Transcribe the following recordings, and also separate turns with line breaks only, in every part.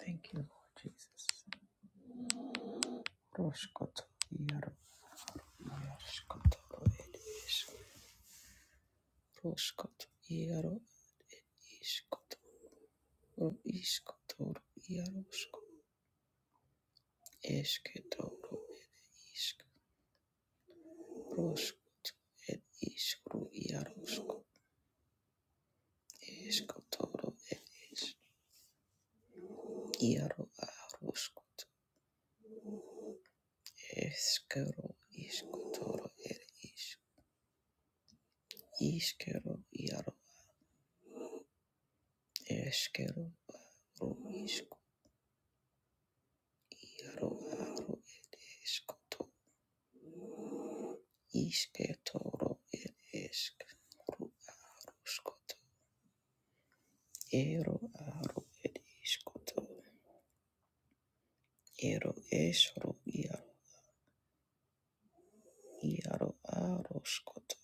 Thank you, Lord Jesus. Roshkoto iaro iashkoto edish. Roshkoto iaro ishkoto ro ishkoto ro iaroshko. Eshketo ro ishk. Roshkoto ed ishk ro iaroshko. Eshkoto ro ed ish. Iaro aroshkoto. Eskero ishkoto ro ed ish. Ishkero iaro. Eshkero Iaro aro ed escoto isketoro ed esc ru scoto ero aro ed iscoto ero esro iaro iaro aro scoto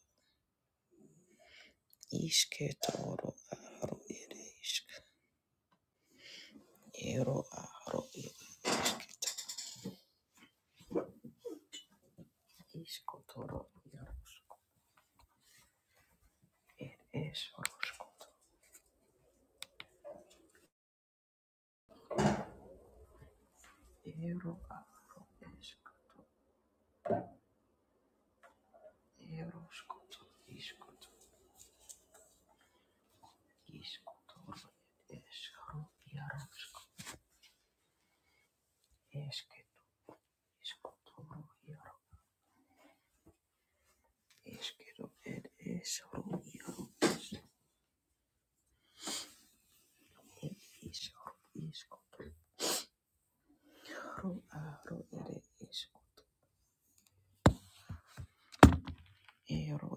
isketoro aro ed esc ero aro ed iscotoro iaro ed esro scoto ero aro esc ero scoto iscoto iscotoro ed esro iaro Eskero, eskotoro, iaro, eskero, ed, esoro, iaro, ed, esoro, eskotoro, aro, ere, esko, ero,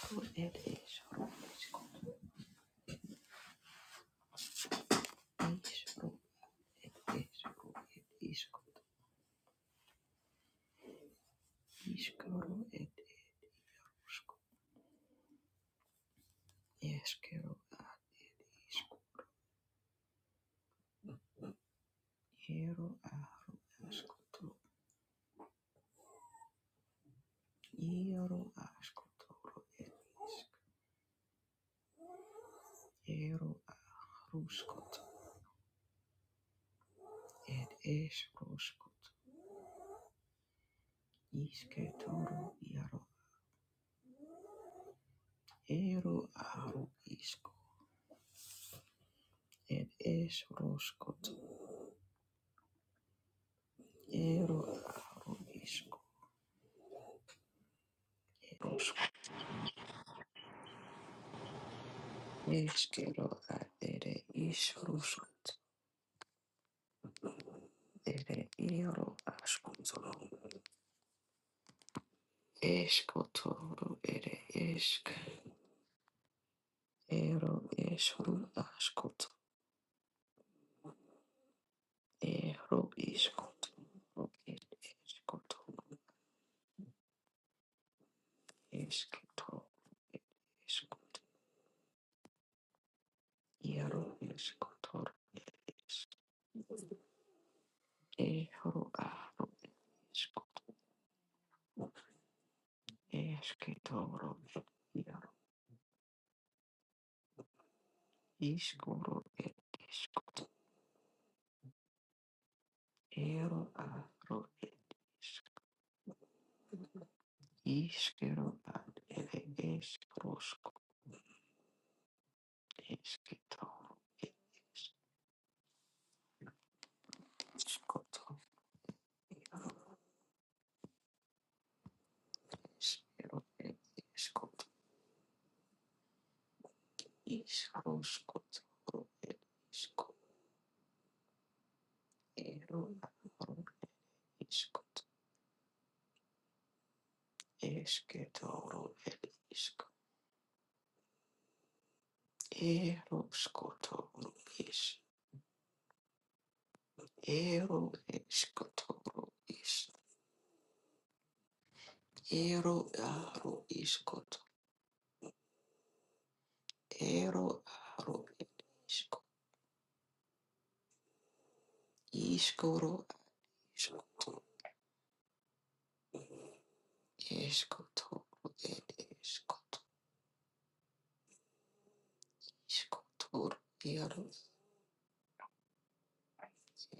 aro, ed, esoro, esko, isoro, ed, esoro, ed, iskot, iskoro, ed, usko, eskero, a, isko, ero, a, askotoro, iaro, askotoro, ed, isk, ero, a, ruskot, ed, es, Iske toro iaro ero aro isko ed es roskot ero aro isko rosko eskero ad ere is roskot ere ero askontolo esko toro ere esk ero es ru askot ero iskot ed eskot esk toro ed eskot iaro eskot Eero aro isko esketoro et iaro iskoro et iskot eero aaro et isk iskero ad ere eskrosko eskitoro et iskoto iaro iskero et iskot iskroskotoro et isko eero aaro iskot eskitoro et isk eero is. Ero escotoro is ero aro iscot ero aro isco iscoro iscoto escotoro ed escot iscotoro ero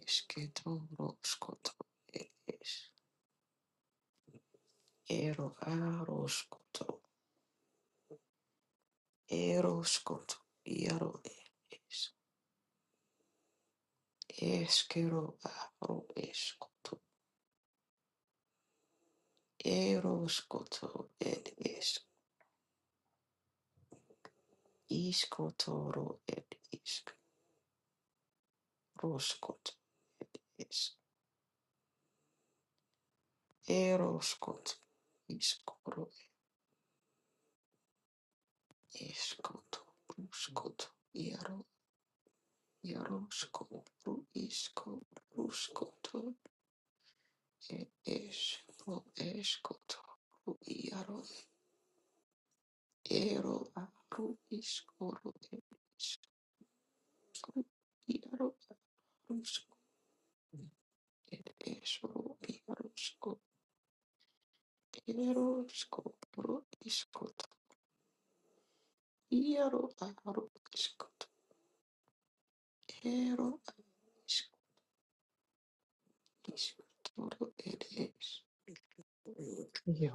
escetoro scoto ed es ero aro scoto ero scoto ero es esquero aro escoto ero scoto ed es Iskotoro et isk. Roskot et isk. Eroskot. Iskoro eskot. Ruskot. Iaro. Iaroskot. Ru isko. Ruskoto et es. Ro eskot. Ru iaro. Ero a ru iskoro et isk. Ru iaro a ruskot. Et es ro iarosko. Erosko. Ru iskot. Iaro aro iskuto ero iskuto ed es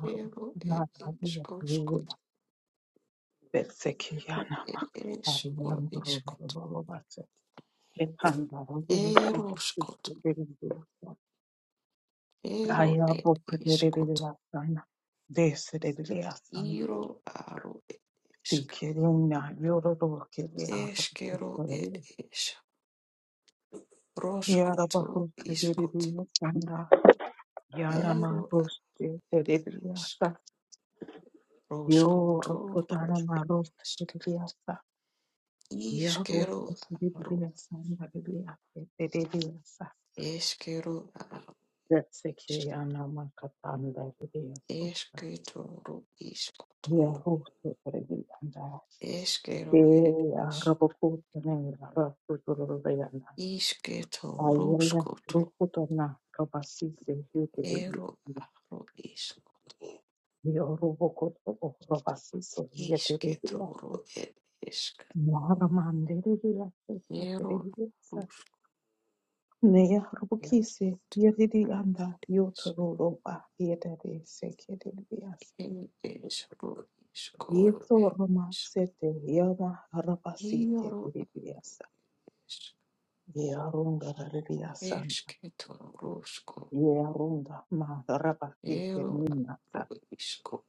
ero ed es oskuto ed es o iskuto ero skuto ero ed iskuto iro aro ed esk eskero ed es roskuto iskuto iro ed esk roskuto ro esk iskero aro eskero Esketoro iskotoro. Eskero eres. Isketoro skotoro. Ero aro isk. Isketoro ereska. Ero arus jaskot. En es ro iskoro eres. Ioro es. Esketoro sko. Ero aro isko.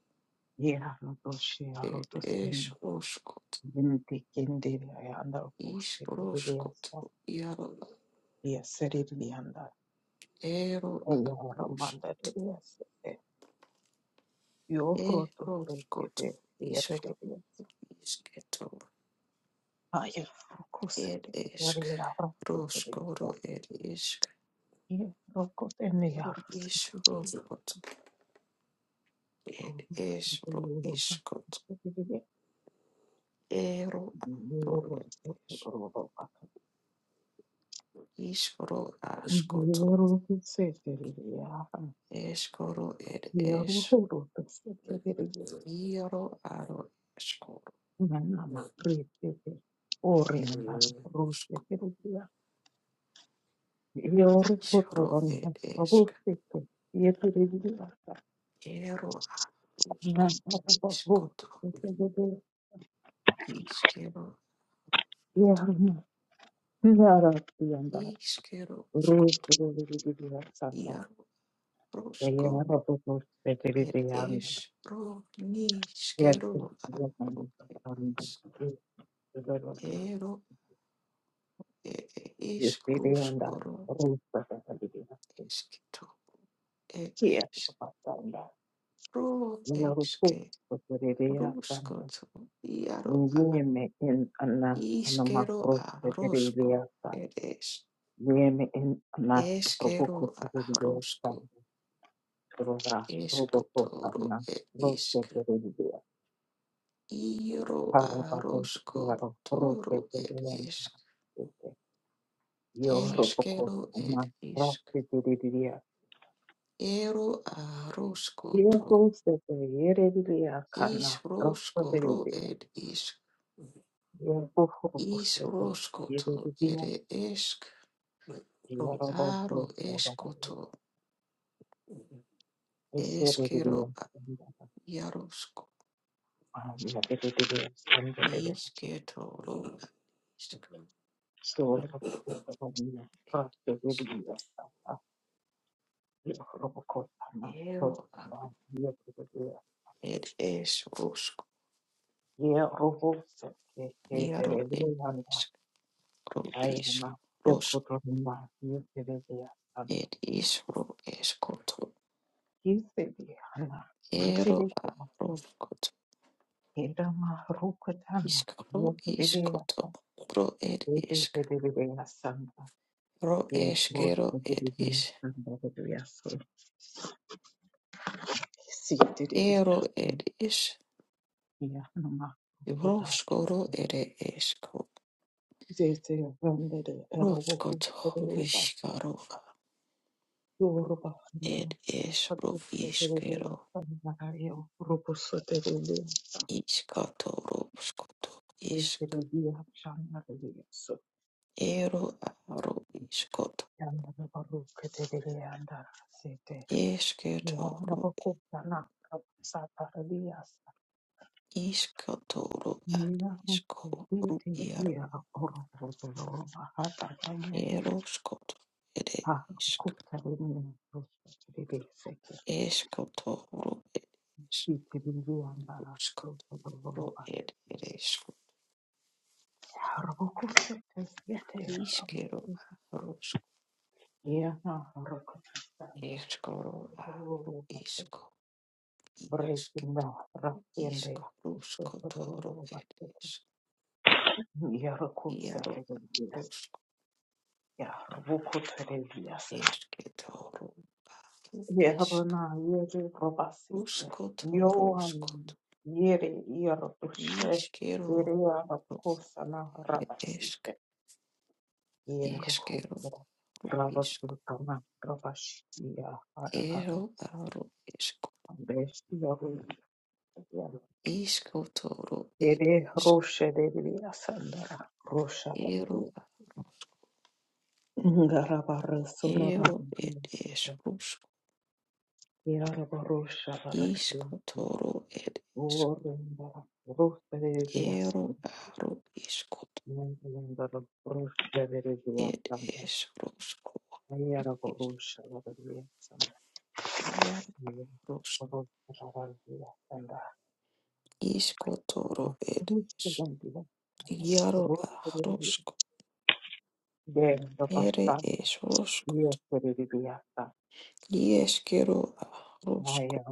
Er es oskot. Iskroskot. Ero aruskoto, eroskoto, isko isketo, ed esk, roskoro ed isk, ro is roskot, ed es ro iskot, ero ro es, iskro askoto, eskoro ed es, iro aro eskoro, ed rosko, iskro ed esk, ero arusko, iskoto. Iskero, iskero, skot, iaro, rosko, ed es, ro, ni, skero, aro, ed es, ero, e, e, is, kruskoro, eskito, e, es, ro, eske, ruskoto, iaro, a, iskero, a, rosko, ed es, eskero, a, rosko, eskotoro, ed isk. Iro aroshko toro ed isk eskero ed isk Ero aroshko to. Ishroshko ro et ishk. Ishroshko to ere eshk. Ro aro eshko to. Eshkero a- yaroshko. Ishketo ro a- ishk. Et ishk. Ero a- et eshroshko. Yaro et ishk. ro is ros ed is ro es koto ero a ro koto isk ro is koto ro ed isk ro eskero ed is ero ed is roskoro ere esko roskoto viskaro ed es ro iskero iskato ro skoto. isk ero a ro iskoto esketo Iskotoro ad isko ru iaro eroskot ere isk eskotoro ed iskotoro ed eresko iskero rosk eskoro a ru isko iasket isko ruskotoro ed isk iaro rosk esketoro a ru isk ruskotoro skot iskero rosk Eskero, isk, ero, aro, isk, isko, toro, ed, isk, ero, ero, ed, isk, rusk, isko, toro, ed, isk, ero, aro, isko, ed, isk, rusko, isk, iar, rusko, isko, toro, ed, isk, iaro, ahrusko, ere, isk, rusko, ieskero, ahrusko,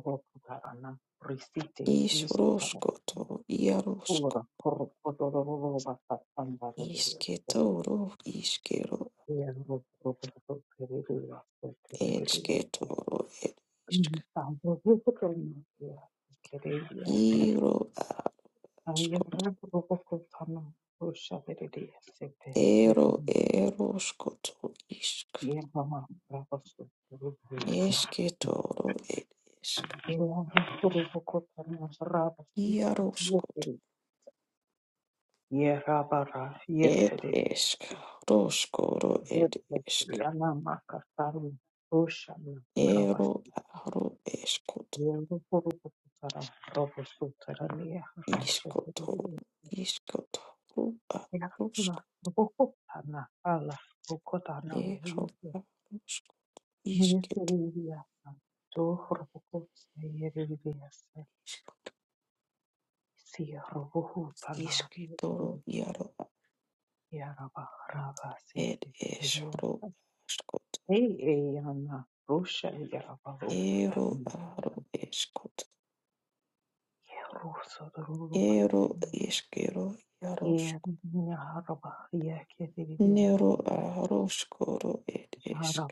isk, rusko, to, iarusko, Ishketoro, ishkero, etsketoro, et ishk. Iro ashkoto, ero, ero, shkoto, ishk. Esketoro, et ishk. Iaro, shkoto, et ishk. Roshkoro, et ishk. Ero, aro, eshkoto, ishkotoro, ishkotoro, aroshko, ero, aroshko, ishketo, ishkoto, ishketoro, iaro, Ed ishkro ashkot ero aro ishkot ero ishkero yaroshk nero aroshkoro ed ishk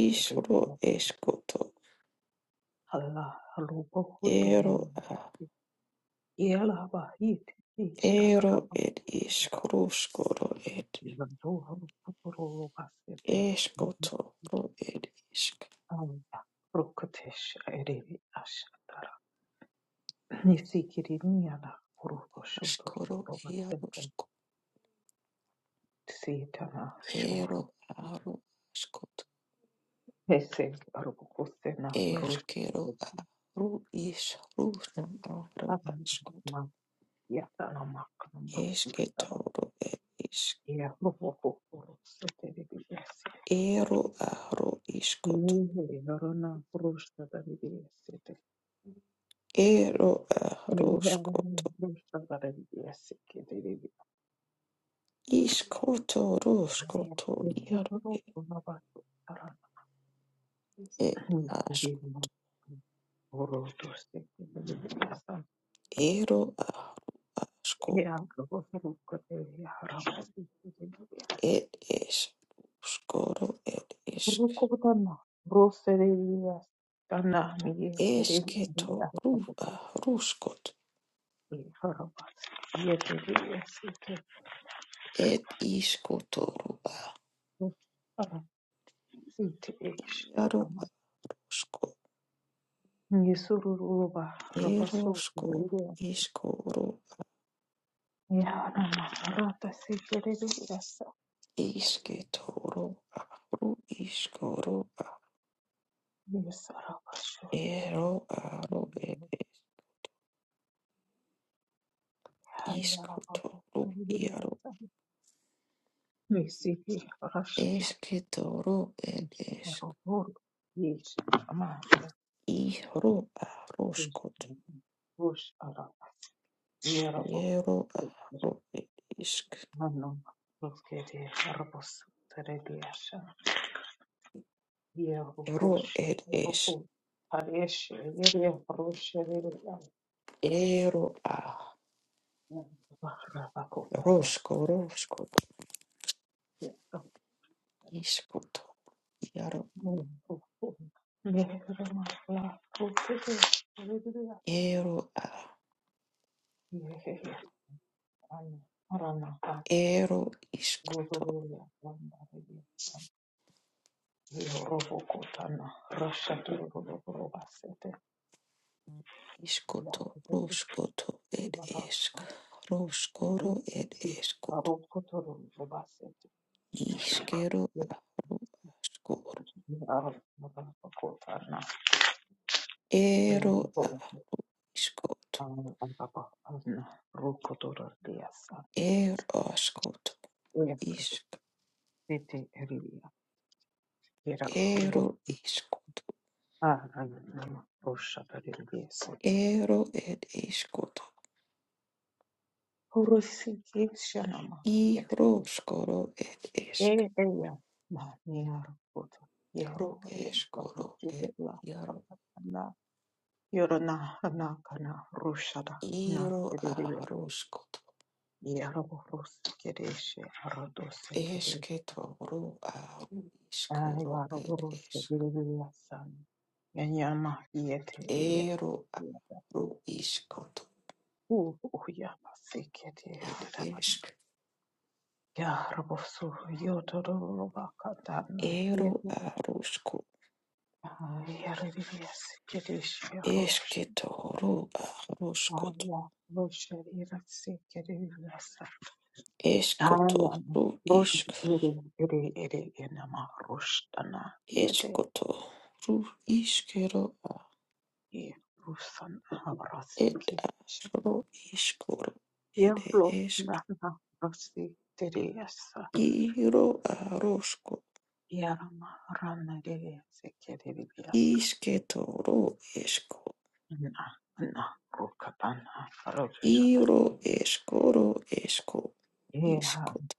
ishro ishkoto ero a ero ed ishkroshkoro ed ishkoto ro ed ishk ashkoro yaroshk ero aro ashkot erkero aro ishro aro ashkot Esketoro et isk ero ahro iskoto ero ahro skoto iskoto roskoto iaro et asko ero ahro asko et es skoro et isk esketoro ahro skoto et iskotoro ah iaro asko ero sko iskoro Iske toro aru iskoro a ero aru ere isko toro iaro eske toro ed esk ihro aru skot ero aru ed isk ero ed es ero a roskoro skot isko toro iaro ero a ero isko Iskoto roskoto ed esk roskoro ed eskoto iskero ahro askor ero ah iskoto er askoto isk ero iskoto ero ed iskoto i roskoro ed esk ro eskoro ed jaro iro ahroskoto esketo ro ahro iskoro ed esk Ero aro iškoto ir išk. Ero aruško. Ešketoro aruškoto. Eškotoru išk. Eškotoru iškero a. Et aro iškoro. Ere ešk. Iro aruško. Išketoro eško. Iro eškoro eško. Iškoto.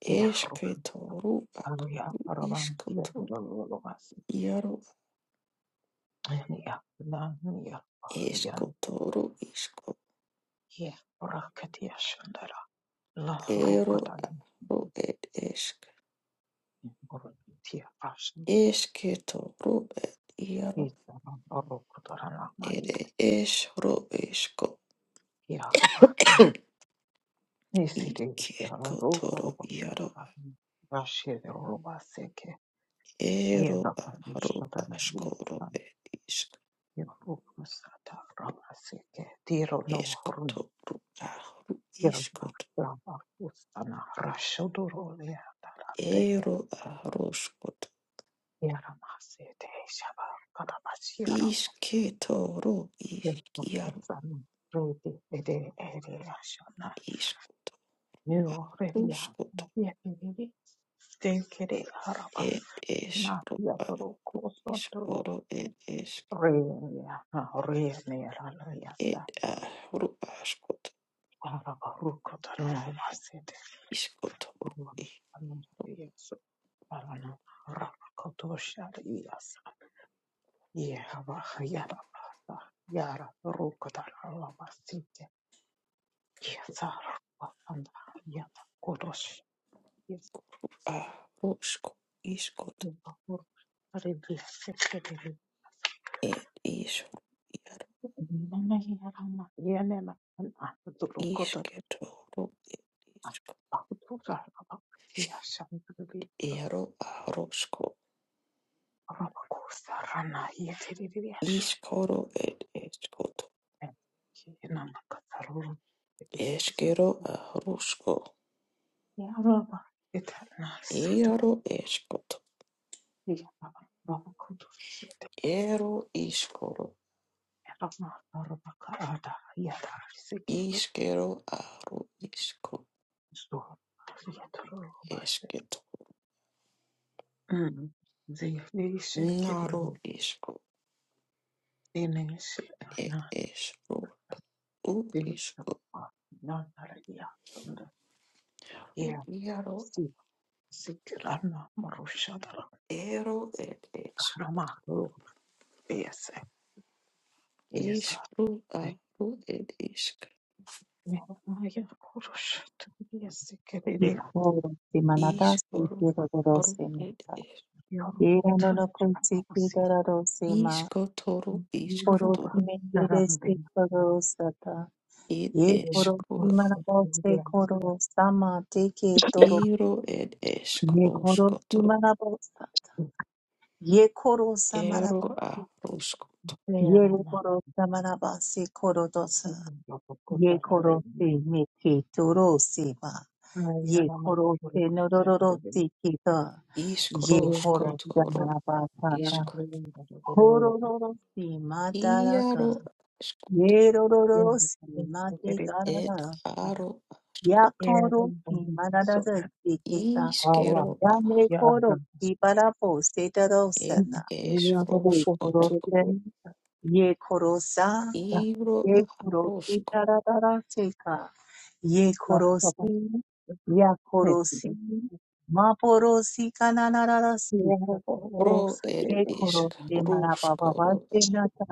Ešketoru a. Iškoto. Iaro esko toro isko ero aro ed esk eske toro ed iaro ere es ro esko ikeko toro iaro ero aro askoro ed isk esko toro aro isko ero aro skot iske toro isk iaro isko aro skot ed es Iskoro ed esk ed a ru askot iskot ru i a rusko iskot ed is iar isket ru ed isk iaro a rusko iskoro ed eskot eskero a rusko iaro eskot ero iskoro iskero a ru isko esket naro isko ed es U ishku iaro ero et ishku ishku aru et ishk
Iko simanata
ishkuru
sikiro
ru
dorosima.
et ishk
Irano no kutsiki dorosima.
ishkotoru
Koro
ishkotoru
simendere sikoro sata.
ed
Ye koro
ishku
simanabo se koro sama teke toro.
iro et
Ye koro
ishkroskoto
simanabo sa. Ye koro
ero
samanabo.
aruskoto
Ye re koro samanaba se koro dosa. Ye koro se me ke toro se ba. Ye koro se nororo se ke da. Ye koro se
ishkroskotoru
maraba ta ta.
ishk
Koro roro se ma da ra ga.
iaro ashkoto
Ye roro se ma te ga ra
ed
ra.
aro
Ya
ashkoto
koro se ma ra ra se ke da.
ishkero
Ya
a-
me koro se bara po se da ro se
ed
na. Ye koro
ishroskoto
se. Ye koro sa.
Iro
ye korosi
rosko
tararara seka, ye korosi, ya korosi, ma porosi kananarara seka,
ro ed
ye
isk
korosi marababa
ruskoro
se nata,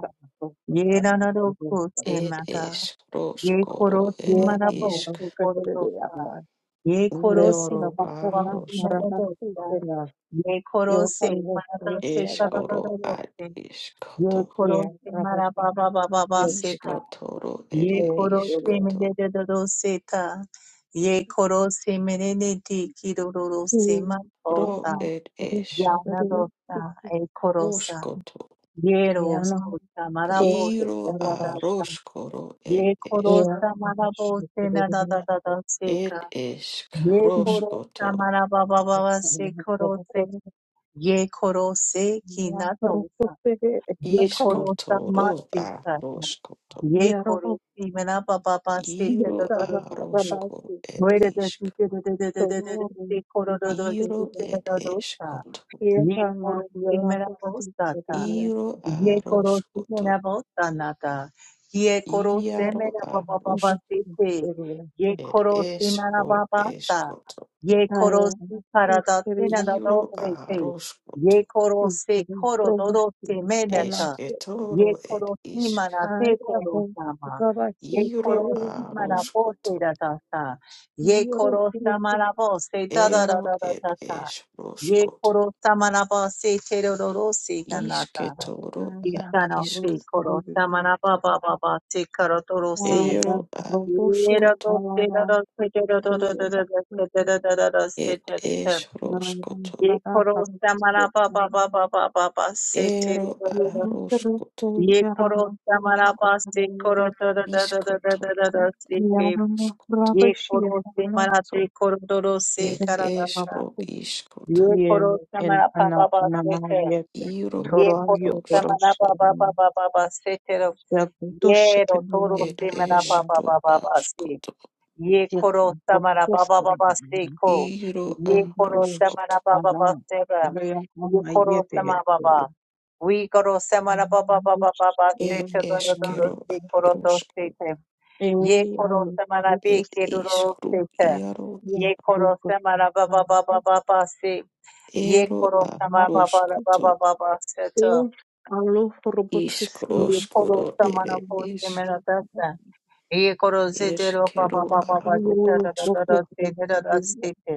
ye nanaroko se
ed
mata,
es
ye
roskoro
korosi
ed
marabo
isk
se korodosa, ye korosi
noro a
wasi
rosko
naradosa, ye korose marata se
eskoro ad
kadadadadose, ye
iskoto
korose marababa baba
iskotoro
Ye
ere
koro se me de
iskoto
de do do se ta. Ye koro se me de de di ki do do do se ma o
ro
sa.
ed es
Ya na do sa e koro sa.
roskoto
Ye ro ko sa ma ra bo se da
iro
da da
a
sa.
roskoro
Ye
ed
koro
es
sa ma ra bo se na da da da da se ka.
ed esk
Ye koro sa
roskoto
ba ba ba se koro Ye koro ki na Ye koro sama
iskotoro a
sita.
roskoto
Ye koro si mena pa pa pa se te do
Iro
do do do se.
arosko et
Re de de tu
ishk.
te de de de de de de de se koro do do si
Iro
te
et
do do sa.
eshkoto.
Ye koro te mera bostata.
Iro
Ye koro te mera
aroskoto.
bostanata. Ye koro te
Iaro
mera baba
arosk
baba sete. Ye
et
koro te mera
eshro
baba ta.
eshkoto.
Ye koro te karada te na da do
Iro
sete.
aroskoto.
Ye koro se koro do do te meneta. Ye
Esketoro et
koro te
ishk.
mana te koro sama. Ye koro
Iro
te mana bo se
aroskoto.
da da sa. Ye koro te mera da da da
Ero
da
et
da da. Ye
eshroskoto.
koro samanaba se terororo se ganata.
Isketoro
Ye
at
kano
ishk.
se koro samanaba ba ba ba se karotoro se.
Ero
Ye
aroskoto.
rato se rato se terororo se terororo se
Et
terororo.
eshroskoto.
Ye koro samanaba ba ba ba ba ba ba se
Ero
terororo.
aroskoto,
Ye koro samanaba se koro
iskoto,
terororo se ke.
roskoto,
Ye koro se manate koro se
ed
karata.
esro iskoto,
Ye koro samanaba ba ba se ke.
iro
Ye koro semana
aroskoto,
ba ba ba ba ba ba se tero. Ye ro toro
ed
semana ba ba ba
esro
ba ba se.
askoto,
Ye koro semana ba ba ba ba se ko.
iro
Ye koro semana
aroskoto,
ba ba ba se ra. Ye koro semana ba ba. We koro semana ba ba ba ba ba ba se
ed
te do do do do
eskero
se koro do
arosko,
se te. Ye koro semana be
ed
ke do do se
iskru
te.
iaro,
Ye koro semana ba ba ba ba ba ba se. Ye
ero
koro semana ba ba ba ba
aroskoto,
ba ba se to. Ye koro
iskroskoro
samana
ere
ko se
isk,
mera dasa. Ye koro se te ro pa pa
eskero
pa pa pa se
aro
te ra ra ra ra
asko,
se te ra ra se te.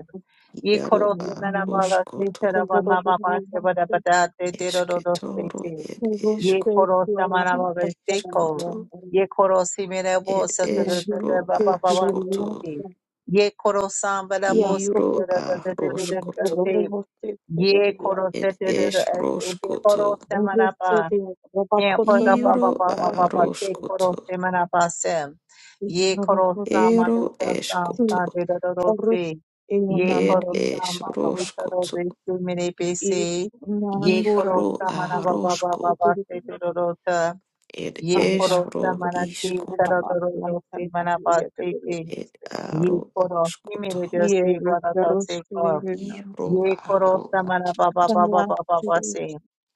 Ye koro
iaro
se mera ba la se te
aroskoto.
ra ba ma ma ma se ba da ba da te te ro ro ro se
Esketoro
te.
ed
Ye
eskru
koro samana ba ba se ko.
iskoto
Ye koro se mera bo
ed
se te ra ra
esro
ra ba ba ba ba se
askoto
te. Ye koro sam ba se
iro
te ra ra ra ra ra ra
aroskoto
se. Ye koro se
ed
te ra ra. Ye
esroskoto
koro se Ye poro pa pa
iro
pa pa pa pa che poro
aroskoto
se mana pa sem. Ye koro sa ma de
ero
sa sa sa
eskoto
de do do do se. Ye
ed
koro sa ma su sa do
esroskoto
de su mi re pe se. Ye koro
ihro
sa ma na ba ba ba ba
arosko
ba se do do do ta.
ed
Ye koro
esro
sa ma na ti ka do
iskoto
do do do se ma na pa se ke.
ed
Ye
aro
koro ni mi
askoto
re do se ba da ta se ko.
ihro
Ye koro
aro
sa ma na
ask
ba ba ba ba ba ba ba se.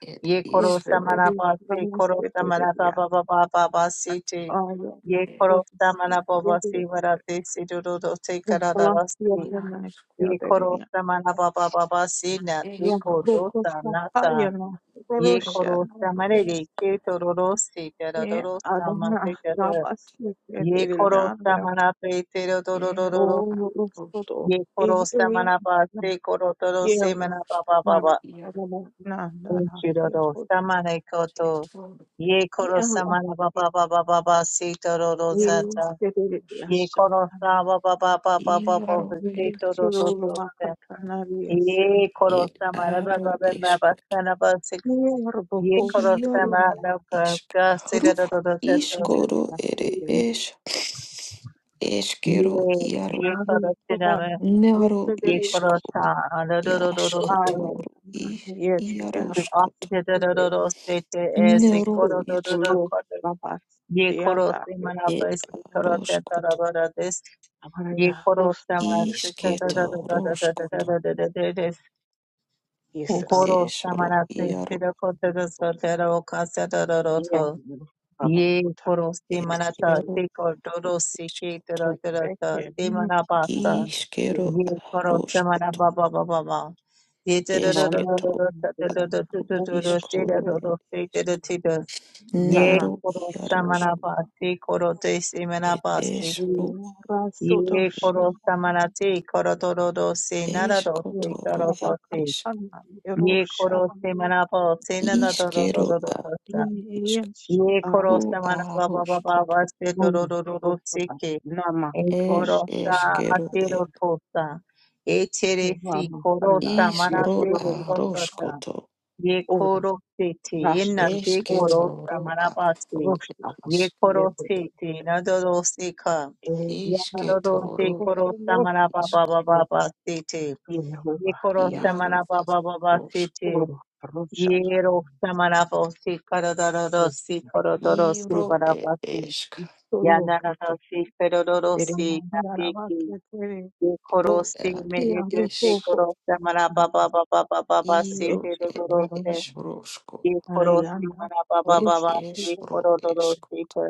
ed
Ye koro
isro
samana ba se koro samana ba ba ba ba ba ba se te.
Iaro el esquito.
Ye koro samana ba ba se vara te se do do do te kara da da se. Ye koro samana ba ba ba ba se na te ko do sa na ta. Ye koro samare re ke to ro ro se te ra do ro sa ma te ka ta. Ye koro samana pe te ro do ro
El
ro ro ro. Ye koro samana ba se koro to ro se mana ba ba ba ba. Uchiroro samare koto. Ye koro samana baba baba baba sito roro zata. Ye koro sama baba baba baba sito roro zata. Ye koro samana baba baba baba basana basik. Ye koro
aro
samana samara baba sito roro zata.
Iskoro ere es eskero
Ye
iaro
ye koro siname.
nero
Ye koro
isko
samara roro roro sito.
iaskotoro i
Akite roro sito. Ese
Nero
koro
isket
roro ये खोरो से मना
ed
पर से करो ते
aroskut
तारा बरा देश ये खोरो से मना से ते ते
isketo
ते ते ते ते
roskut
ते ते ते ते ते ते वो
ed
खोरो से
esro
मना से से
iaro
रखो ते ते सो ते रो खा से ते रो रो थो ये खोरो से
ed
मना ता
ero
से को
aro
डोरो से के
iskut
ते रो ते रो ता से मना पाता
iskero
Ye koro samana
aroskut
ba ba ba ba ba. Ye te do do do do do
esketo
do ta do do do do do do do te do
iskoro
do do
ed
te do do
esk
te do. Ye
nero
koro
iaros
samana ba te koro te semana
ed
ba te. te.
esro ro
Ye
ed
koro samana te koro do do do se na da do te
eskotoro
koro do
ed
te.
isk
Ye koro semana ba te na na do do do
iskero
do do
ad
do sa.
isk
Ye koro
ro
samana ba ba ba ba
aroskut
ba se do do do do do se ke. E
e
korosa
eskero
atero tosa. E teresi korosa manate
Ishro a
korosa.
roshkoto.
Ye korosete yenate korosa
Eshketoro a
manabase. Ye
rubish.
korosete nadorose ka. Yanadorose
Ishketoro
korosa manababa
rubish.
baba basete. Ye korosa
Iaro
manababa baba
roshk.
sete. Ye rosa manabose karadorose korodorose
Iro et
manabase.
eshk.
Yanadorose korodorose
Ro
Ikoroste
ad et
merete se
ish.
koroste mara ba ba ba ba ba ba ba se te
Iro
de
et
koroste.
ish roshko.
Ye koroste mara ba ba
Et
ba ba se
ish ro
korodoro
eshko.
se ko.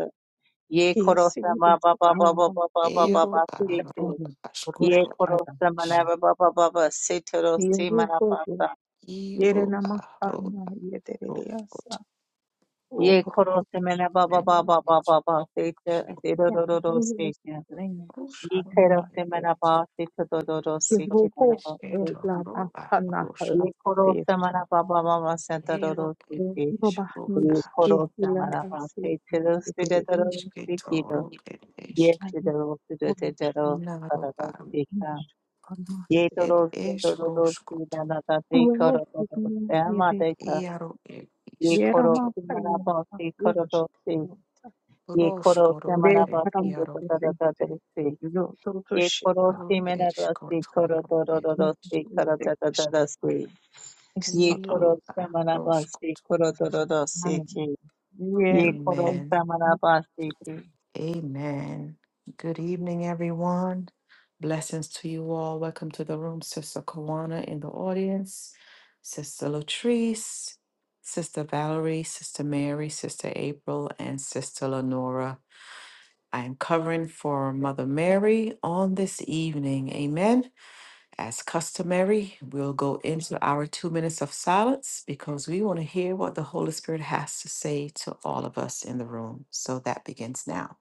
Ye koroste ma ba ba ba ba ba ba ba ba ba
Ero
se
a
te.
ro
Ye
ashkoro.
koroste mara
ish.
ba ba ba ba ba se te roste mara ba ba.
Iro a ro a roshkoto.
Ye koroste mara ba ba ba ba ba ba ba se te de do do se te. Ye
Roshkoro.
koroste mara ba se te do do se te mara ba
Esqueto, arroz,
ye koro samara baba baba santa doro
hero,
siki
es,
ye
rudas,
koro samara baba se tero sida doro siki do
esqueto,
ye
es,
sida doro sida te doro sara
naro,
doro
am,
sika ye
et
doro sida
es
doro sida
roscoto,
na ta te koro doro se ama te ka
iaro, el
ye koro
iscoto,
samara baba se koro doro se ye koro
roscoro,
samara baba
ere,
se te
iaro,
doro doro se ye koro
ro,
samara baba se
escoto,
koro
ro,
doro
ere,
doro se
isco,
koro doro doro se Ye koro
iro, a, rosco,
samarabasi
tu.
koro dorodo seke. Ye koro
Amen.
samarabasi.
Amen. Good evening, everyone. Blessings to you all. Welcome to the room, Sister Kawana in the audience, Sister Latrice, Sister Valerie, Sister Mary, Sister April, and Sister Lenora. I am covering for Mother Mary on this evening. Amen. As customary, we'll go into our two minutes of silence because we want to hear what the Holy Spirit has to say to all of us in the room. So that begins now.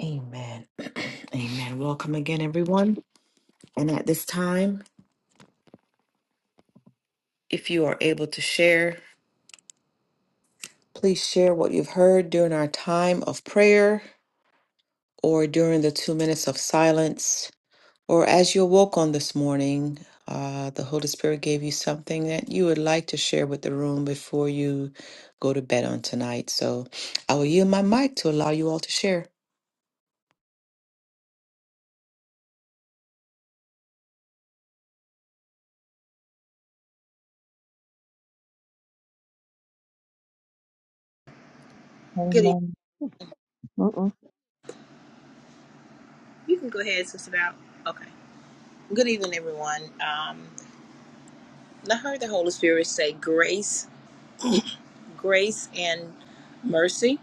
Amen. Amen. Welcome again, everyone. And at this time, if you are able to share, please share what you've heard during our time of prayer or during the two minutes of silence or as you awoke on this morning. Uh, the Holy Spirit gave you something that you would like to share with the room before you go to bed on tonight. So I will yield my mic to allow you all to share.
Good evening.
Amen. Mm-mm.
You can go ahead, Sister Val. Okay. Good evening, everyone. Um, and I heard the Holy Spirit say grace, grace and mercy.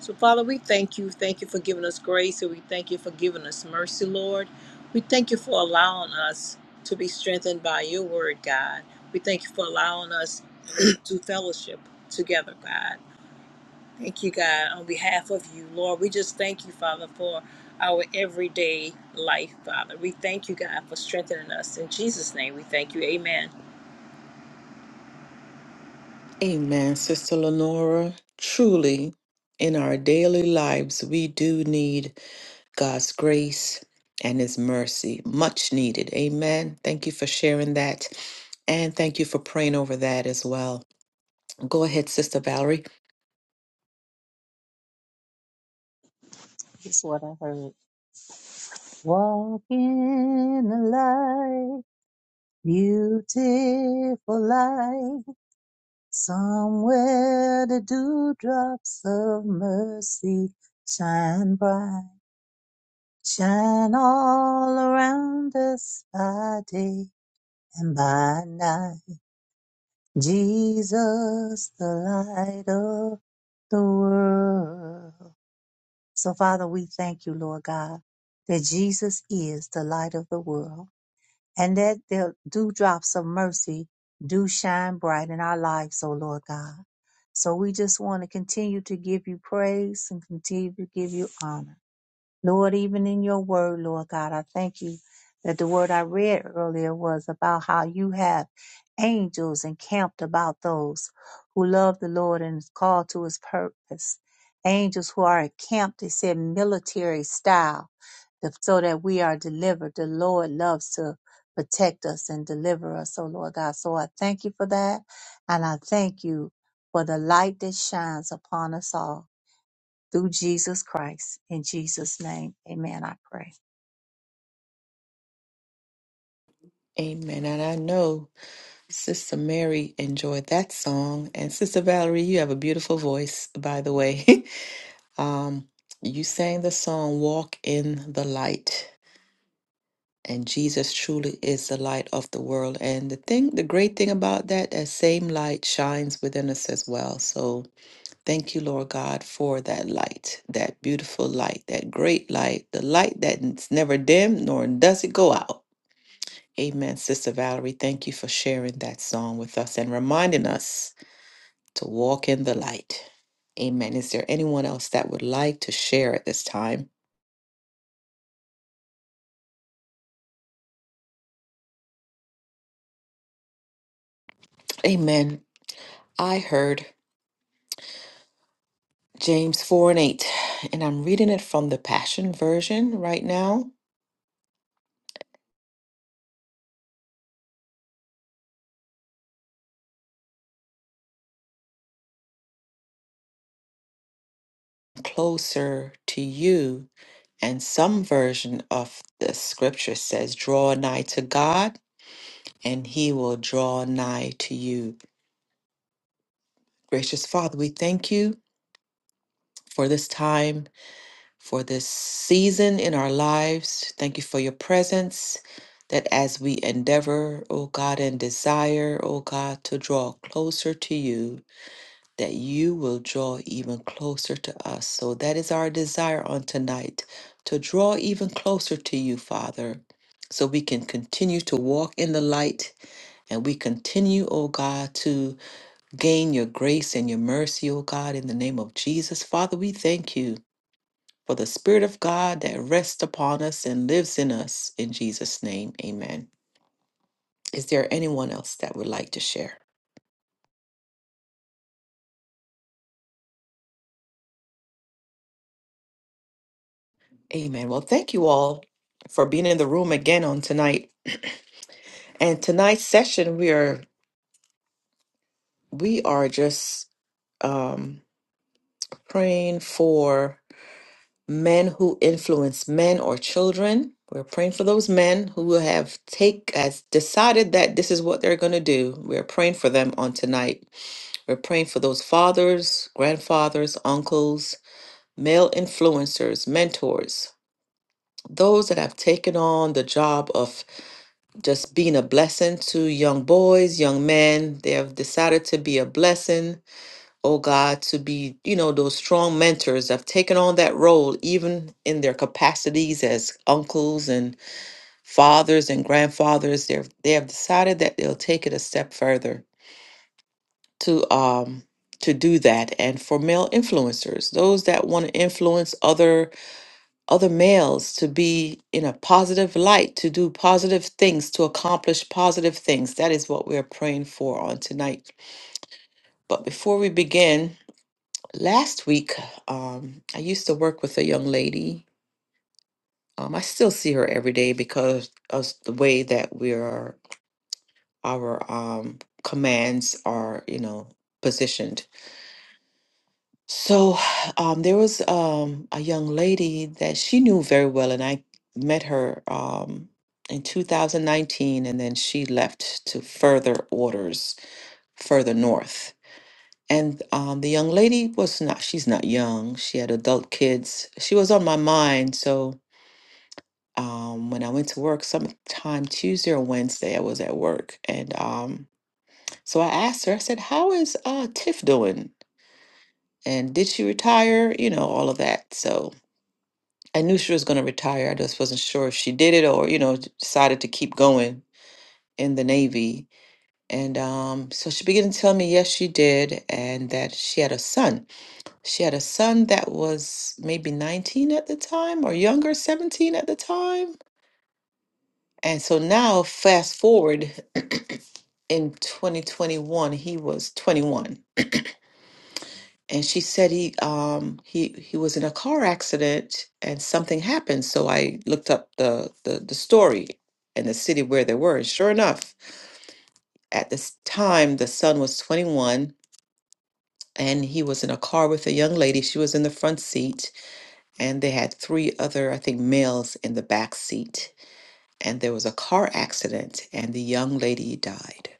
So, Father, we thank you. Thank you for giving us grace, and we thank you for giving us mercy, Lord. We thank you for allowing us to be strengthened by your word, God. We thank you for allowing us to fellowship together, God. Thank you, God, on behalf of you, Lord. We just thank you, Father, for our everyday life, Father. We thank you, God, for strengthening us. In Jesus' name, we thank you. Amen.
Amen. Sister Lenora, truly, in our daily lives, we do need God's grace and His mercy. Much needed. Amen. Thank you for sharing that. And thank you for praying over that as well. Go ahead, Sister Valerie.
That's what I heard. Walk in the light, beautiful light, somewhere the dewdrops of mercy shine bright, shine all around us by day and by night. Jesus, the light the world. So, Father, we thank you, Lord God, that Jesus is the light of the world and that the dewdrops of mercy do shine bright in our lives, O Lord God. So, we just want to continue to give you praise and continue to give you honor. Lord, even in your word, Lord God, I thank you that the word I read earlier was about how you have angels encamped about those who love the Lord and is called to his purpose. Angels who are encamped, it said military style, the- so that we are delivered. The Lord loves to protect us and deliver us, oh Lord God. So I thank you for that. And I thank you for the light that shines upon us all through Jesus Christ. In Jesus' name, amen. I pray.
Amen. And I know Sister Mary enjoyed that song. And Sister Valerie, you have a beautiful voice, by the way. um, you sang the song Walk in the Light. And Jesus truly is the light of the world. And the thing, the great thing about that, that same light shines within us as well. So Thank you, Lord God, for that light, that beautiful light, that great light, the light that's never dim nor does it go out. Amen, Sister Valerie. Thank you for sharing that song with us and reminding us to walk in the light. Amen. Is there anyone else that would like to share at this time? Amen. I heard James 4 and 8, and I'm reading it from the Passion Version right now. Closer to you And some version of the scripture says, Draw nigh to God, and he will draw nigh to you. Gracious Father, we thank you for this time, for this season in our lives. Thank you for your presence. That as we endeavor, O God, and desire, O God, to draw closer to you, that you will draw even closer to us. So that is our desire on tonight to draw even closer to you, Father, so we can continue to walk in the light and we continue, oh God, to gain your grace and your mercy, oh God, in the name of Jesus. Father, we thank you for the Spirit of God that rests upon us and lives in us. In Jesus' name, amen. Is there anyone else that would like to share? Amen. Well, thank you all for being in the room again on tonight. And tonight's session, we are we are just um, praying for men who influence men or children. We're praying for those men who have take has decided that this is what they're going to do. We're praying for them on tonight. We're praying for those fathers, grandfathers, uncles, male influencers, mentors, those that have taken on the job of just being a blessing to young boys, young men. They have decided to be a blessing oh God, to be, you know, those strong mentors that have taken on that role, even in their capacities as uncles and fathers and grandfathers. They've they have decided that they'll take it a step further to um to do that and for male influencers those that want to influence other other males to be in a positive light to do positive things to accomplish positive things that is what we are praying for on tonight but before we begin Last week, um, I used to work with a young lady. Um, I still see her every day because of the way that we are, our um, commands are, you know, positioned. So um, there was um, a young lady that she knew very well, and I met her um, in 2019, and then she left to further orders further north. And um, the young lady was not, she's not young. She had adult kids. She was on my mind. So um, when I went to work sometime Tuesday or Wednesday, I was at work. And um, so I asked her, I said, How is uh, Tiff doing? And did she retire? You know, all of that. So I knew she was going to retire. I just wasn't sure if she did it or, you know, d- decided to keep going in the Navy. And um, so she began to tell me, yes, she did, and that she had a son She had a son that was maybe 19 at the time or younger, 17 at the time. And so now, fast forward in 2021, he was 21. And she said he um he he was in a car accident and something happened. So I looked up the the, the story and the city where they were. And sure enough, at this time the son was 21 and he was in a car with a young lady. She was in the front seat and they had three other, I think, males in the back seat. And there was a car accident, and the young lady died.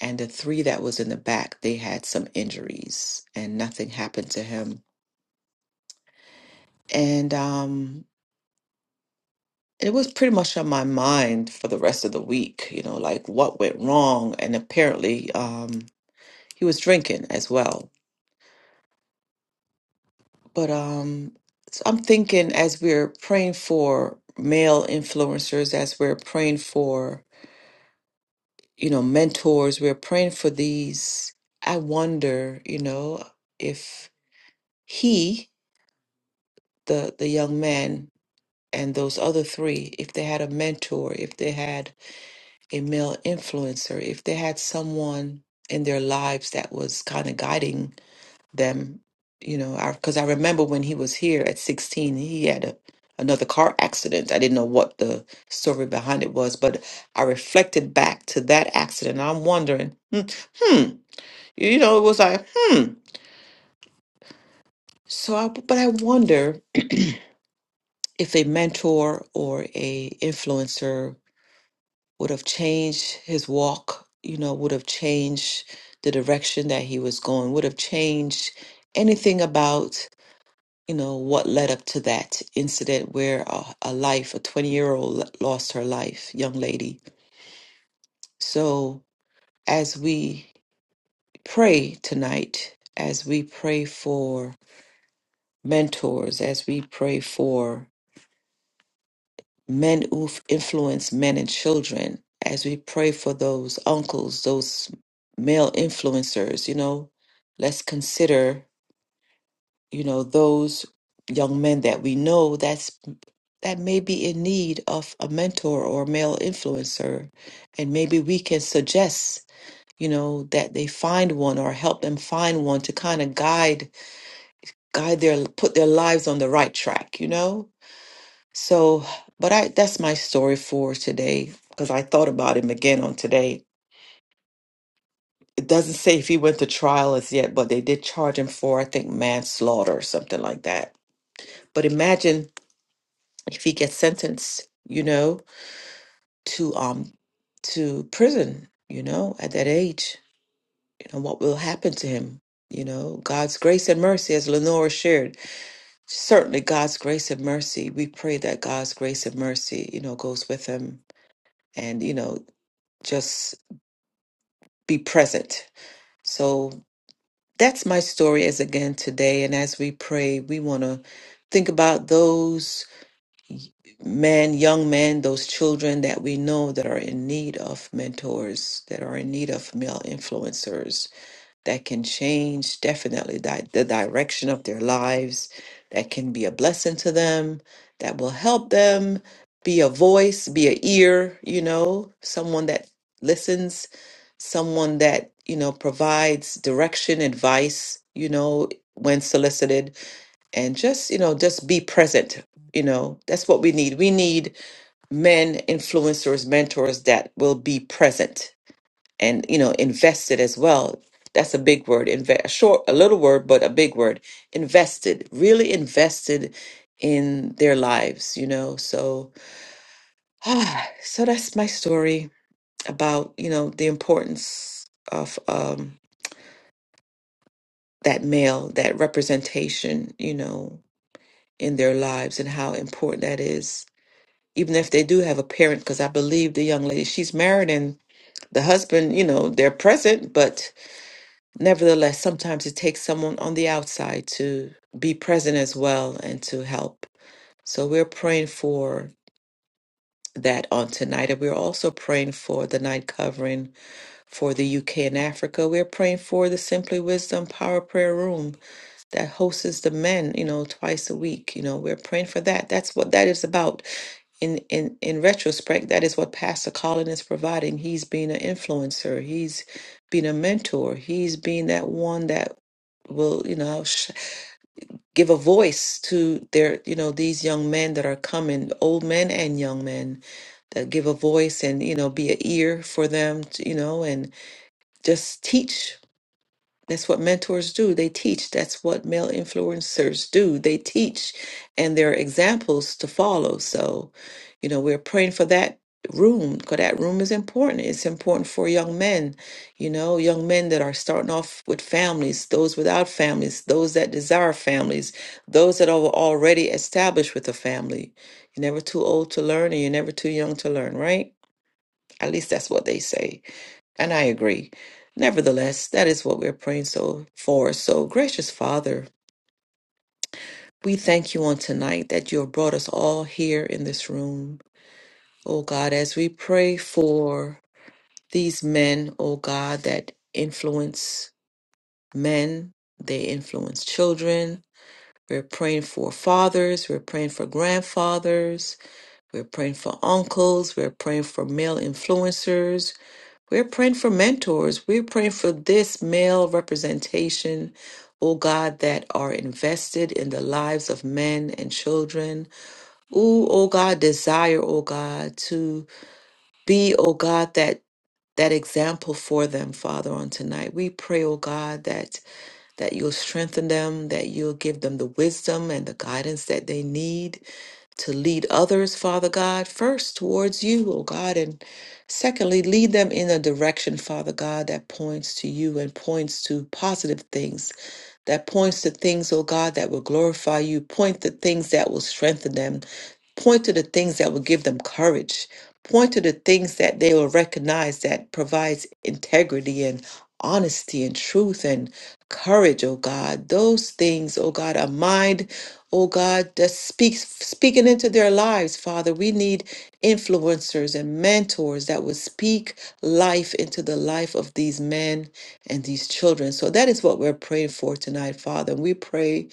And the three that was in the back, they had some injuries, and nothing happened to him. And um, it was pretty much on my mind for the rest of the week, you know, like what went wrong. And apparently, um, he was drinking as well. But um, so I'm thinking as we're praying for male influencers, as we're praying for you know, mentors, we're praying for these. I wonder, you know, if he, the the young man and those other three, if they had a mentor, if they had a male influencer, if they had someone in their lives that was kind of guiding them, you know, because I, remember when he was here at 16, he had a, another car accident. I didn't know what the story behind it was, but I reflected back to that accident. I'm wondering, hmm, hmm, You know, it was like, hmm. So, I, but I wonder if a mentor or a influencer would have changed his walk. You know, would have changed the direction that he was going. Would have changed anything about you know what led up to that incident where a, a life, a twenty-year-old lost her life, young lady. So, as we pray tonight, as we pray for mentors, as we pray for men who f- influence men and children as we pray for those uncles those male influencers you know let's consider you know those young men that we know that's that may be in need of a mentor or male influencer and maybe we can suggest you know that they find one or help them find one to kind of guide guide their put their lives on the right track you know So, but I that's my story for today because I thought about him again on today. It doesn't say if he went to trial as yet, but they did charge him for, I think, manslaughter or something like that. But imagine if he gets sentenced, you know, to um to prison, you know, at that age, you know, what will happen to him? You know, God's grace and mercy, as Lenora shared, certainly God's grace and mercy. We pray that God's grace and mercy, you know, goes with him and, you know, just be present. So that's my story as again today. And as we pray, we want to think about those men, young men, those children that we know that are in need of mentors, that are in need of male influencers that can change definitely di- the direction of their lives, that can be a blessing to them, that will help them be a voice, be a ear, you know, someone that listens, someone that, you know, provides direction, advice, you know, when solicited, and just, you know, just be present. You know, that's what we need. We need men, influencers, mentors that will be present and you know invested as well that's a big word invest a short a little word but a big word invested really invested in their lives you know so ah, so that's my story about you know the importance of um that male that representation you know in their lives and how important that is even if they do have a parent because i believe the young lady she's married and the husband you know they're present but Nevertheless, sometimes it takes someone on the outside to be present as well and to help. So we're praying for that on tonight. And we're also praying for the night covering for the UK and Africa. We're praying for the Simply Wisdom Power Prayer Room that hosts the men, you know, twice a week. You know, we're praying for that. That's what that is about in in in retrospect, that is what Pastor Colin is providing. He's being an influencer. He's being a mentor. He's being that one that will, you know, sh- give a voice to their, you know, these young men that are coming, old men and young men, that give a voice and you know be an ear for them, to, you know, and just teach. That's what mentors do. They teach. That's what male influencers do. They teach, and they're examples to follow. So, you know, we're praying for that room because that room is important. It's important for young men, you know, young men that are starting off with families, those without families, those that desire families, those that are already established with a family. You're never too old to learn, and you're never too young to learn, right? At least that's what they say. And I agree. Nevertheless, that is what we're praying so for. So, gracious Father, we thank you on tonight that you have brought us all here in this room. Oh God, as we pray for these men, oh God, that influence men, they influence children. We're praying for fathers, we're praying for grandfathers, we're praying for uncles, we're praying for male influencers, We're praying for mentors. We're praying for this male representation, oh God, that are invested in the lives of men and children. Ooh, oh God, desire, oh God, to be, oh God, that that example for them, Father, on tonight. We pray, oh God, that that you'll strengthen them, that you'll give them the wisdom and the guidance that they need to lead others, Father God, first towards you, oh God, and secondly, lead them in a direction, Father God, that points to you and points to positive things, that points to things, oh God, that will glorify you, point to things that will strengthen them, point to the things that will give them courage, point to the things that they will recognize that provides integrity and honesty and truth and courage, oh God. Those things, oh God, a mind oh God, that speaks speaking into their lives, Father. We need influencers and mentors that would speak life into the life of these men and these children. So that is what we're praying for tonight, Father. And we pray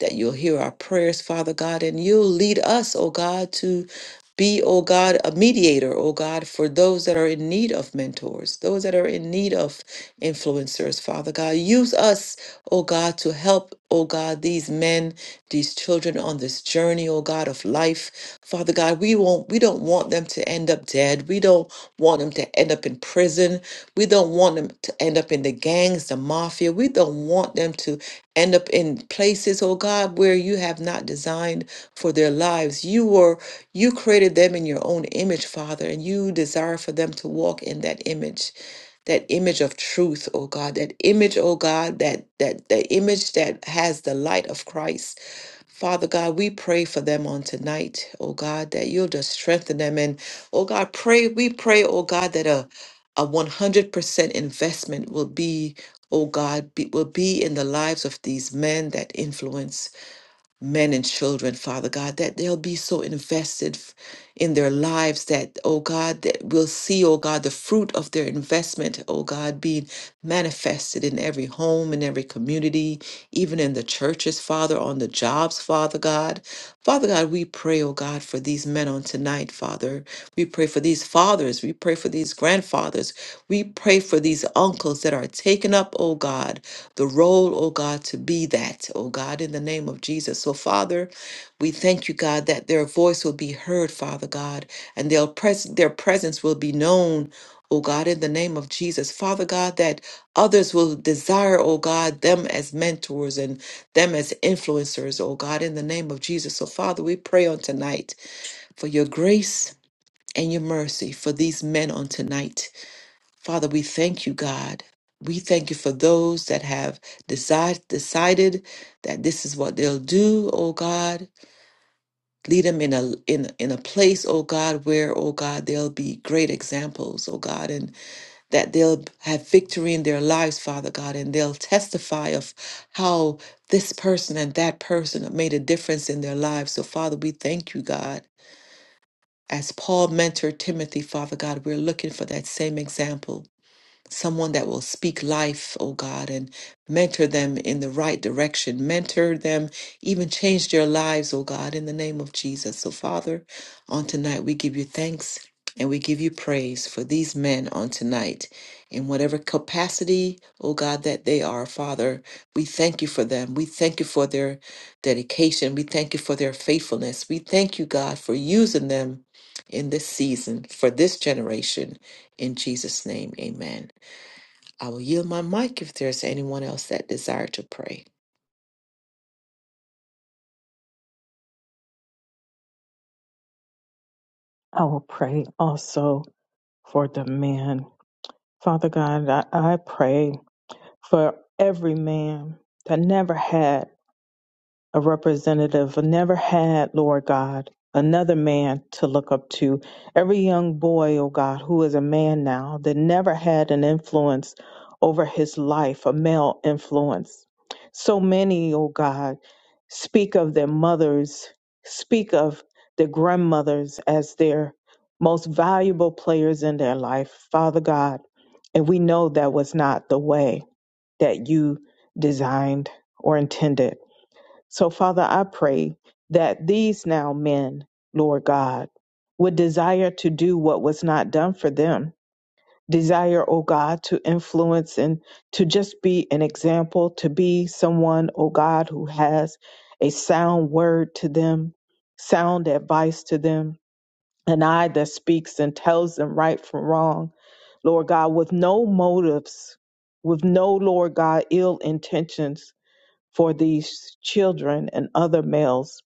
that you'll hear our prayers, Father God, and you'll lead us, oh God, to be, oh God, a mediator, oh God, for those that are in need of mentors, those that are in need of influencers, Father God. Use us, oh God, to help, oh God, these men these children on this journey, oh God, of life. Father God, we won't we don't want them to end up dead. We don't want them to end up in prison. We don't want them to end up in the gangs, the mafia. We don't want them to end up in places, oh God, where you have not designed for their lives. You were you created them in your own image, Father, and you desire for them to walk in that image that image of truth, oh God, that image, oh God, that that the image that has the light of Christ. Father God, we pray for them on tonight, oh God, that you'll just strengthen them. And oh God, pray, we pray, oh God, that a a 100% investment will be, oh God, be, will be in the lives of these men that influence men and children, Father God, that they'll be so invested f- in their lives that, oh God, that we'll see, oh God, the fruit of their investment, oh God, being manifested in every home, in every community, even in the churches, Father, on the jobs, Father God. Father God, we pray, oh God, for these men on tonight, Father. We pray for these fathers. We pray for these grandfathers. We pray for these uncles that are taking up, oh God, the role, oh God, to be that, oh God, in the name of Jesus. So, Father, we thank you, God, that their voice will be heard, Father God, and their, pres- their presence will be known. Oh God, in the name of Jesus, Father God, that others will desire, oh God, them as mentors and them as influencers, oh God, in the name of Jesus. So, Father, we pray on tonight for your grace and your mercy for these men on tonight. Father, we thank you, God. We thank you for those that have decide, decided that this is what they'll do, oh God. Lead them in a in in a place, oh God, where, oh God, they'll be great examples, oh God, and that they'll have victory in their lives, Father God, and they'll testify of how this person and that person have made a difference in their lives. So, Father, we thank you, God. As Paul mentored Timothy, Father God, we're looking for that same example someone that will speak life, oh God, and mentor them in the right direction, mentor them, even change their lives, oh God, in the name of Jesus. So, Father, on tonight, we give you thanks and we give you praise for these men on tonight. In whatever capacity, oh God, that they are, Father, we thank you for them. We thank you for their dedication. We thank you for their faithfulness. We thank you, God, for using them in this season, for this generation. In Jesus' name, amen. I will yield my mic if there's anyone else that desire to pray.
else.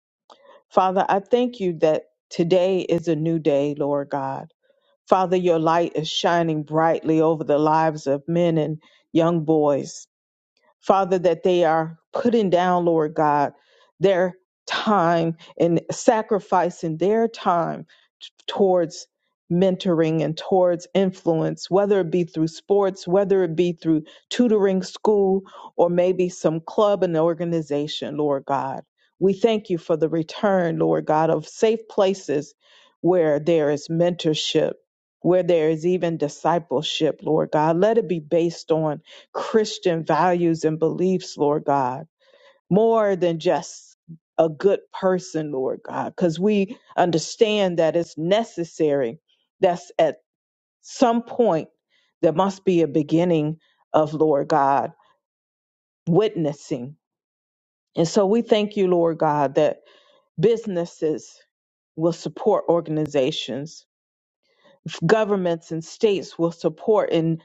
Father, I thank you that today is a new day, Lord God. Father, your light is shining brightly over the lives of men and young boys. Father, that they are putting down, Lord God, their time and sacrificing their time t- towards mentoring and towards influence, whether it be through sports, whether it be through tutoring school, or maybe some club and organization, Lord God. We thank you for the return, Lord God, of safe places where there is mentorship, where there is even discipleship, Lord God. Let it be based on. Christian values and beliefs, Lord God, more than just a good person, Lord God, because we understand that it's necessary. That's at some point there must be a beginning of, Lord God, witnessing. And so we thank you, Lord God, that businesses will support organizations governments and states will support and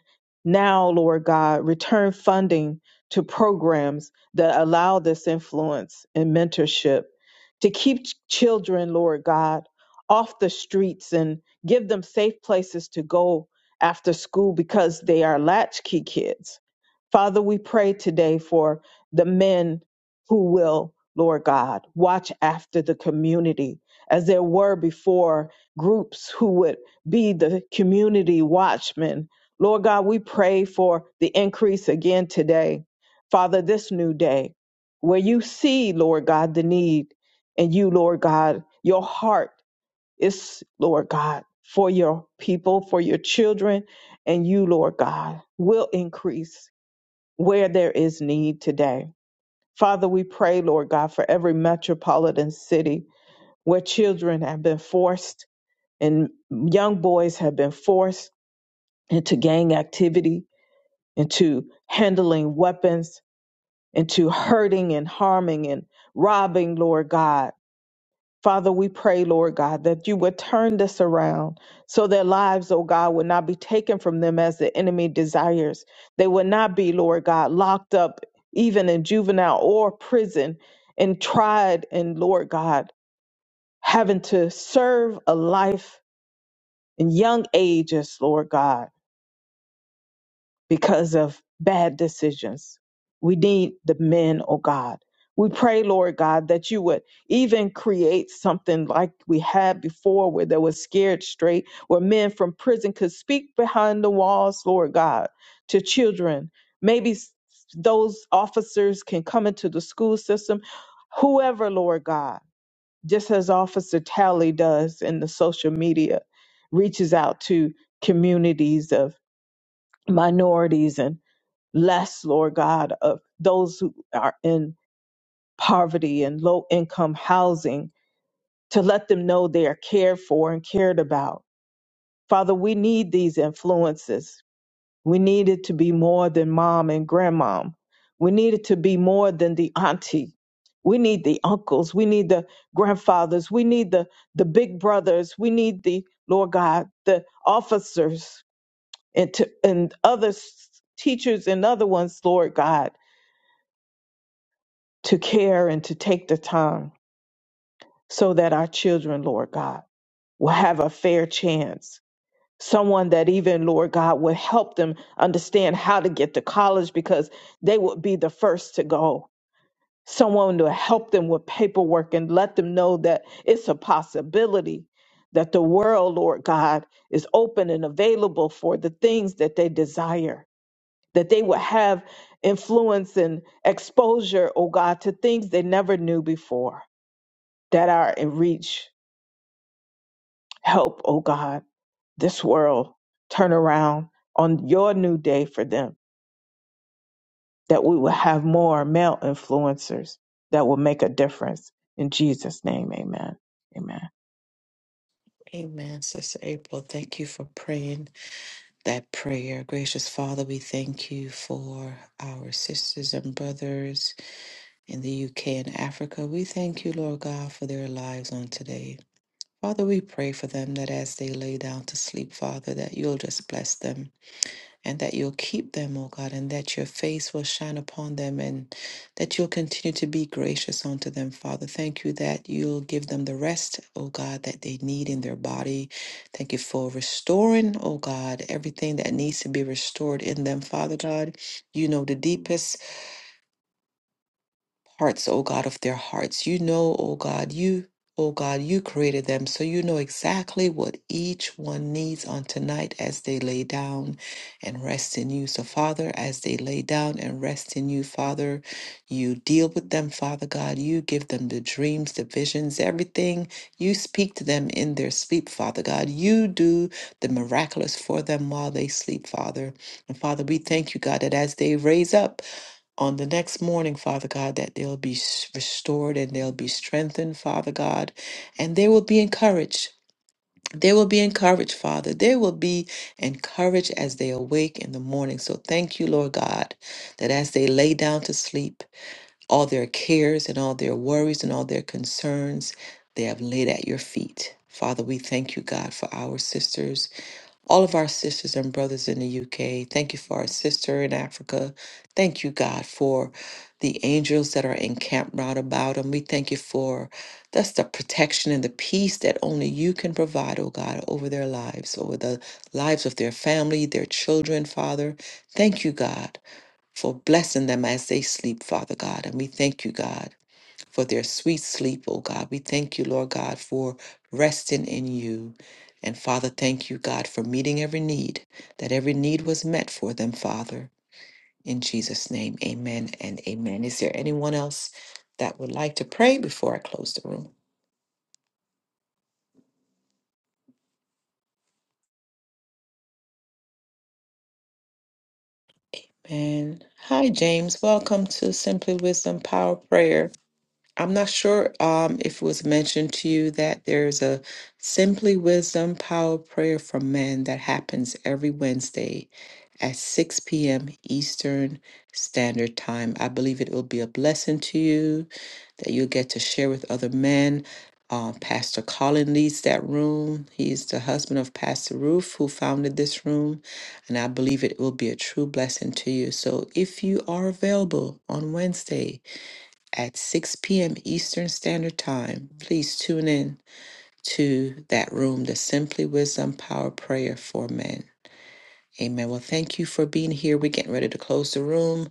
now, Lord God, return funding to programs that allow this influence and mentorship to keep ch- children, Lord God, off the streets and give them safe places to go after school because they are latchkey kids. Father, we pray today for the men who will, Lord God, watch after the community as there were before groups who would be the community watchman. Lord God, we pray for the increase again today. Father, this new day where you see, Lord God, the need and you, Lord God, your heart is, Lord God, for your people, for your children, and you, Lord God, will increase where there is need today. Father, we pray, Lord God, for every metropolitan city where children have been forced and young boys have been forced into gang activity, into handling weapons, into hurting and harming and robbing, Lord God. Father, we pray, Lord God, that you would turn this around so their lives, oh God, would not be taken from them as the enemy desires. They would not be, Lord God, locked up even in juvenile or prison and tried and, Lord God, having to serve a life in young ages, Lord God because of bad decisions. We need the men, oh God. We pray, Lord God, that you would even create something like we had before where there was scared straight, where men from prison could speak behind the walls, Lord God, to children. Maybe s- those officers can come into the school system, whoever, Lord God, just as Officer Tally does in the social media, reaches out to communities of minorities and less, Lord God, of those who are in poverty and low income housing to let them know they are cared for and cared about. Father, we need these influences. We need it to be more than mom and grandmom. We need it to be more than the auntie. We need the uncles. We need the grandfathers. We need the, the big brothers. We need the, Lord God, the officers and, to, and other s- teachers and other ones, Lord God to care and to take the time so that our children, Lord God, will have a fair chance. Someone that even, Lord God, will help them understand how to get to college because they would be the first to go. Someone to help them with paperwork and let them know that it's a possibility that the world, Lord God, is open and available for the things that they desire, that they would have influence and exposure, oh God, to things they never knew before. that are in reach. Help, O God, this world turn around on your new day for them, that we will have more male influencers that will make a difference. In Jesus' name, amen. Amen.
Amen, Sister April. Thank you for praying that prayer. Gracious Father, we thank you for our sisters and brothers in the UK and Africa. We thank you, Lord God, for their lives on today. Father, we pray for them that as they lay down to sleep, Father, that you'll just bless them. and that you'll keep them, O God, and that your face will shine upon them and that you'll continue to be gracious unto them, Father. Thank you that you'll give them the rest, O God, that they need in their body. Thank you for restoring, O God, everything that needs to be restored in them, Father God. You know the deepest parts, O God, of their hearts. You know, O God, you, O God, you created them, so you know exactly what each one needs on tonight as they lay down and rest in you. So, Father, as they lay down and rest in you, Father, you deal with them, Father God. You give them the dreams, the visions, everything. You speak to them in their sleep, Father God. You do the miraculous for them while they sleep, Father. And Father, we thank you, God, that as they raise up, on the next morning, Father God, that they'll be s- restored and they'll be strengthened, Father God, and they will be encouraged. They will be encouraged, Father. They will be encouraged as they awake in the morning. So thank you, Lord God, that as they lay down to sleep, all their cares and all their worries and all their concerns, they have laid at your feet. Father, we thank you, God, for our sisters all of our sisters and brothers in the UK. Thank you for our sister in Africa. Thank you, God, for the angels that are encamped round about them. We thank you for that's the protection and the peace that only you can provide, oh God, over their lives, over the lives of their family, their children, Father. Thank you, God, for blessing them as they sleep, Father God. And we thank you, God for their sweet sleep, oh God. We thank you, Lord God, for resting in you. And Father, thank you, God, for meeting every need, that every need was met for them, Father. In Jesus' name, amen and amen. Is there anyone else that would like to pray before I close the room? And hi, James. Welcome to Simply Wisdom Power Prayer. I'm not sure um, if it was mentioned to you that there's a Simply Wisdom Power Prayer for Men that happens every Wednesday at 6 p.m. Eastern Standard Time. I believe it will be a blessing to you that you'll get to share with other men. Uh, Pastor Colin leads that room. He's the husband of Pastor Ruth, who founded this room, and I believe it will be a true blessing to you. So, if you are available on Wednesday at 6 p.m. Eastern Standard Time, please tune in to that room, the Simply Wisdom Power Prayer for Men. Amen. Well, thank you for being here. We're getting ready to close the room.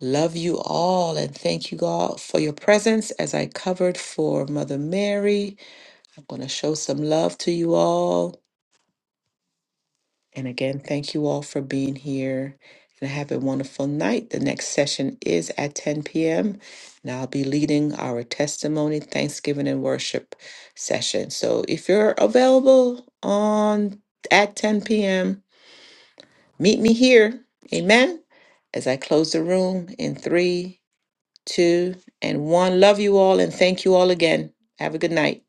Love you all and thank you all for your presence as I covered for Mother Mary. I'm going to show some love to you all. And again, thank you all for being here and have a wonderful night. The next session is at 10 p.m. and I'll be leading our testimony, Thanksgiving, and worship session. So if you're available on at 10 p.m., Meet me here. Amen. As I close the room in three, two, and one. Love you all and thank you all again. Have a good night.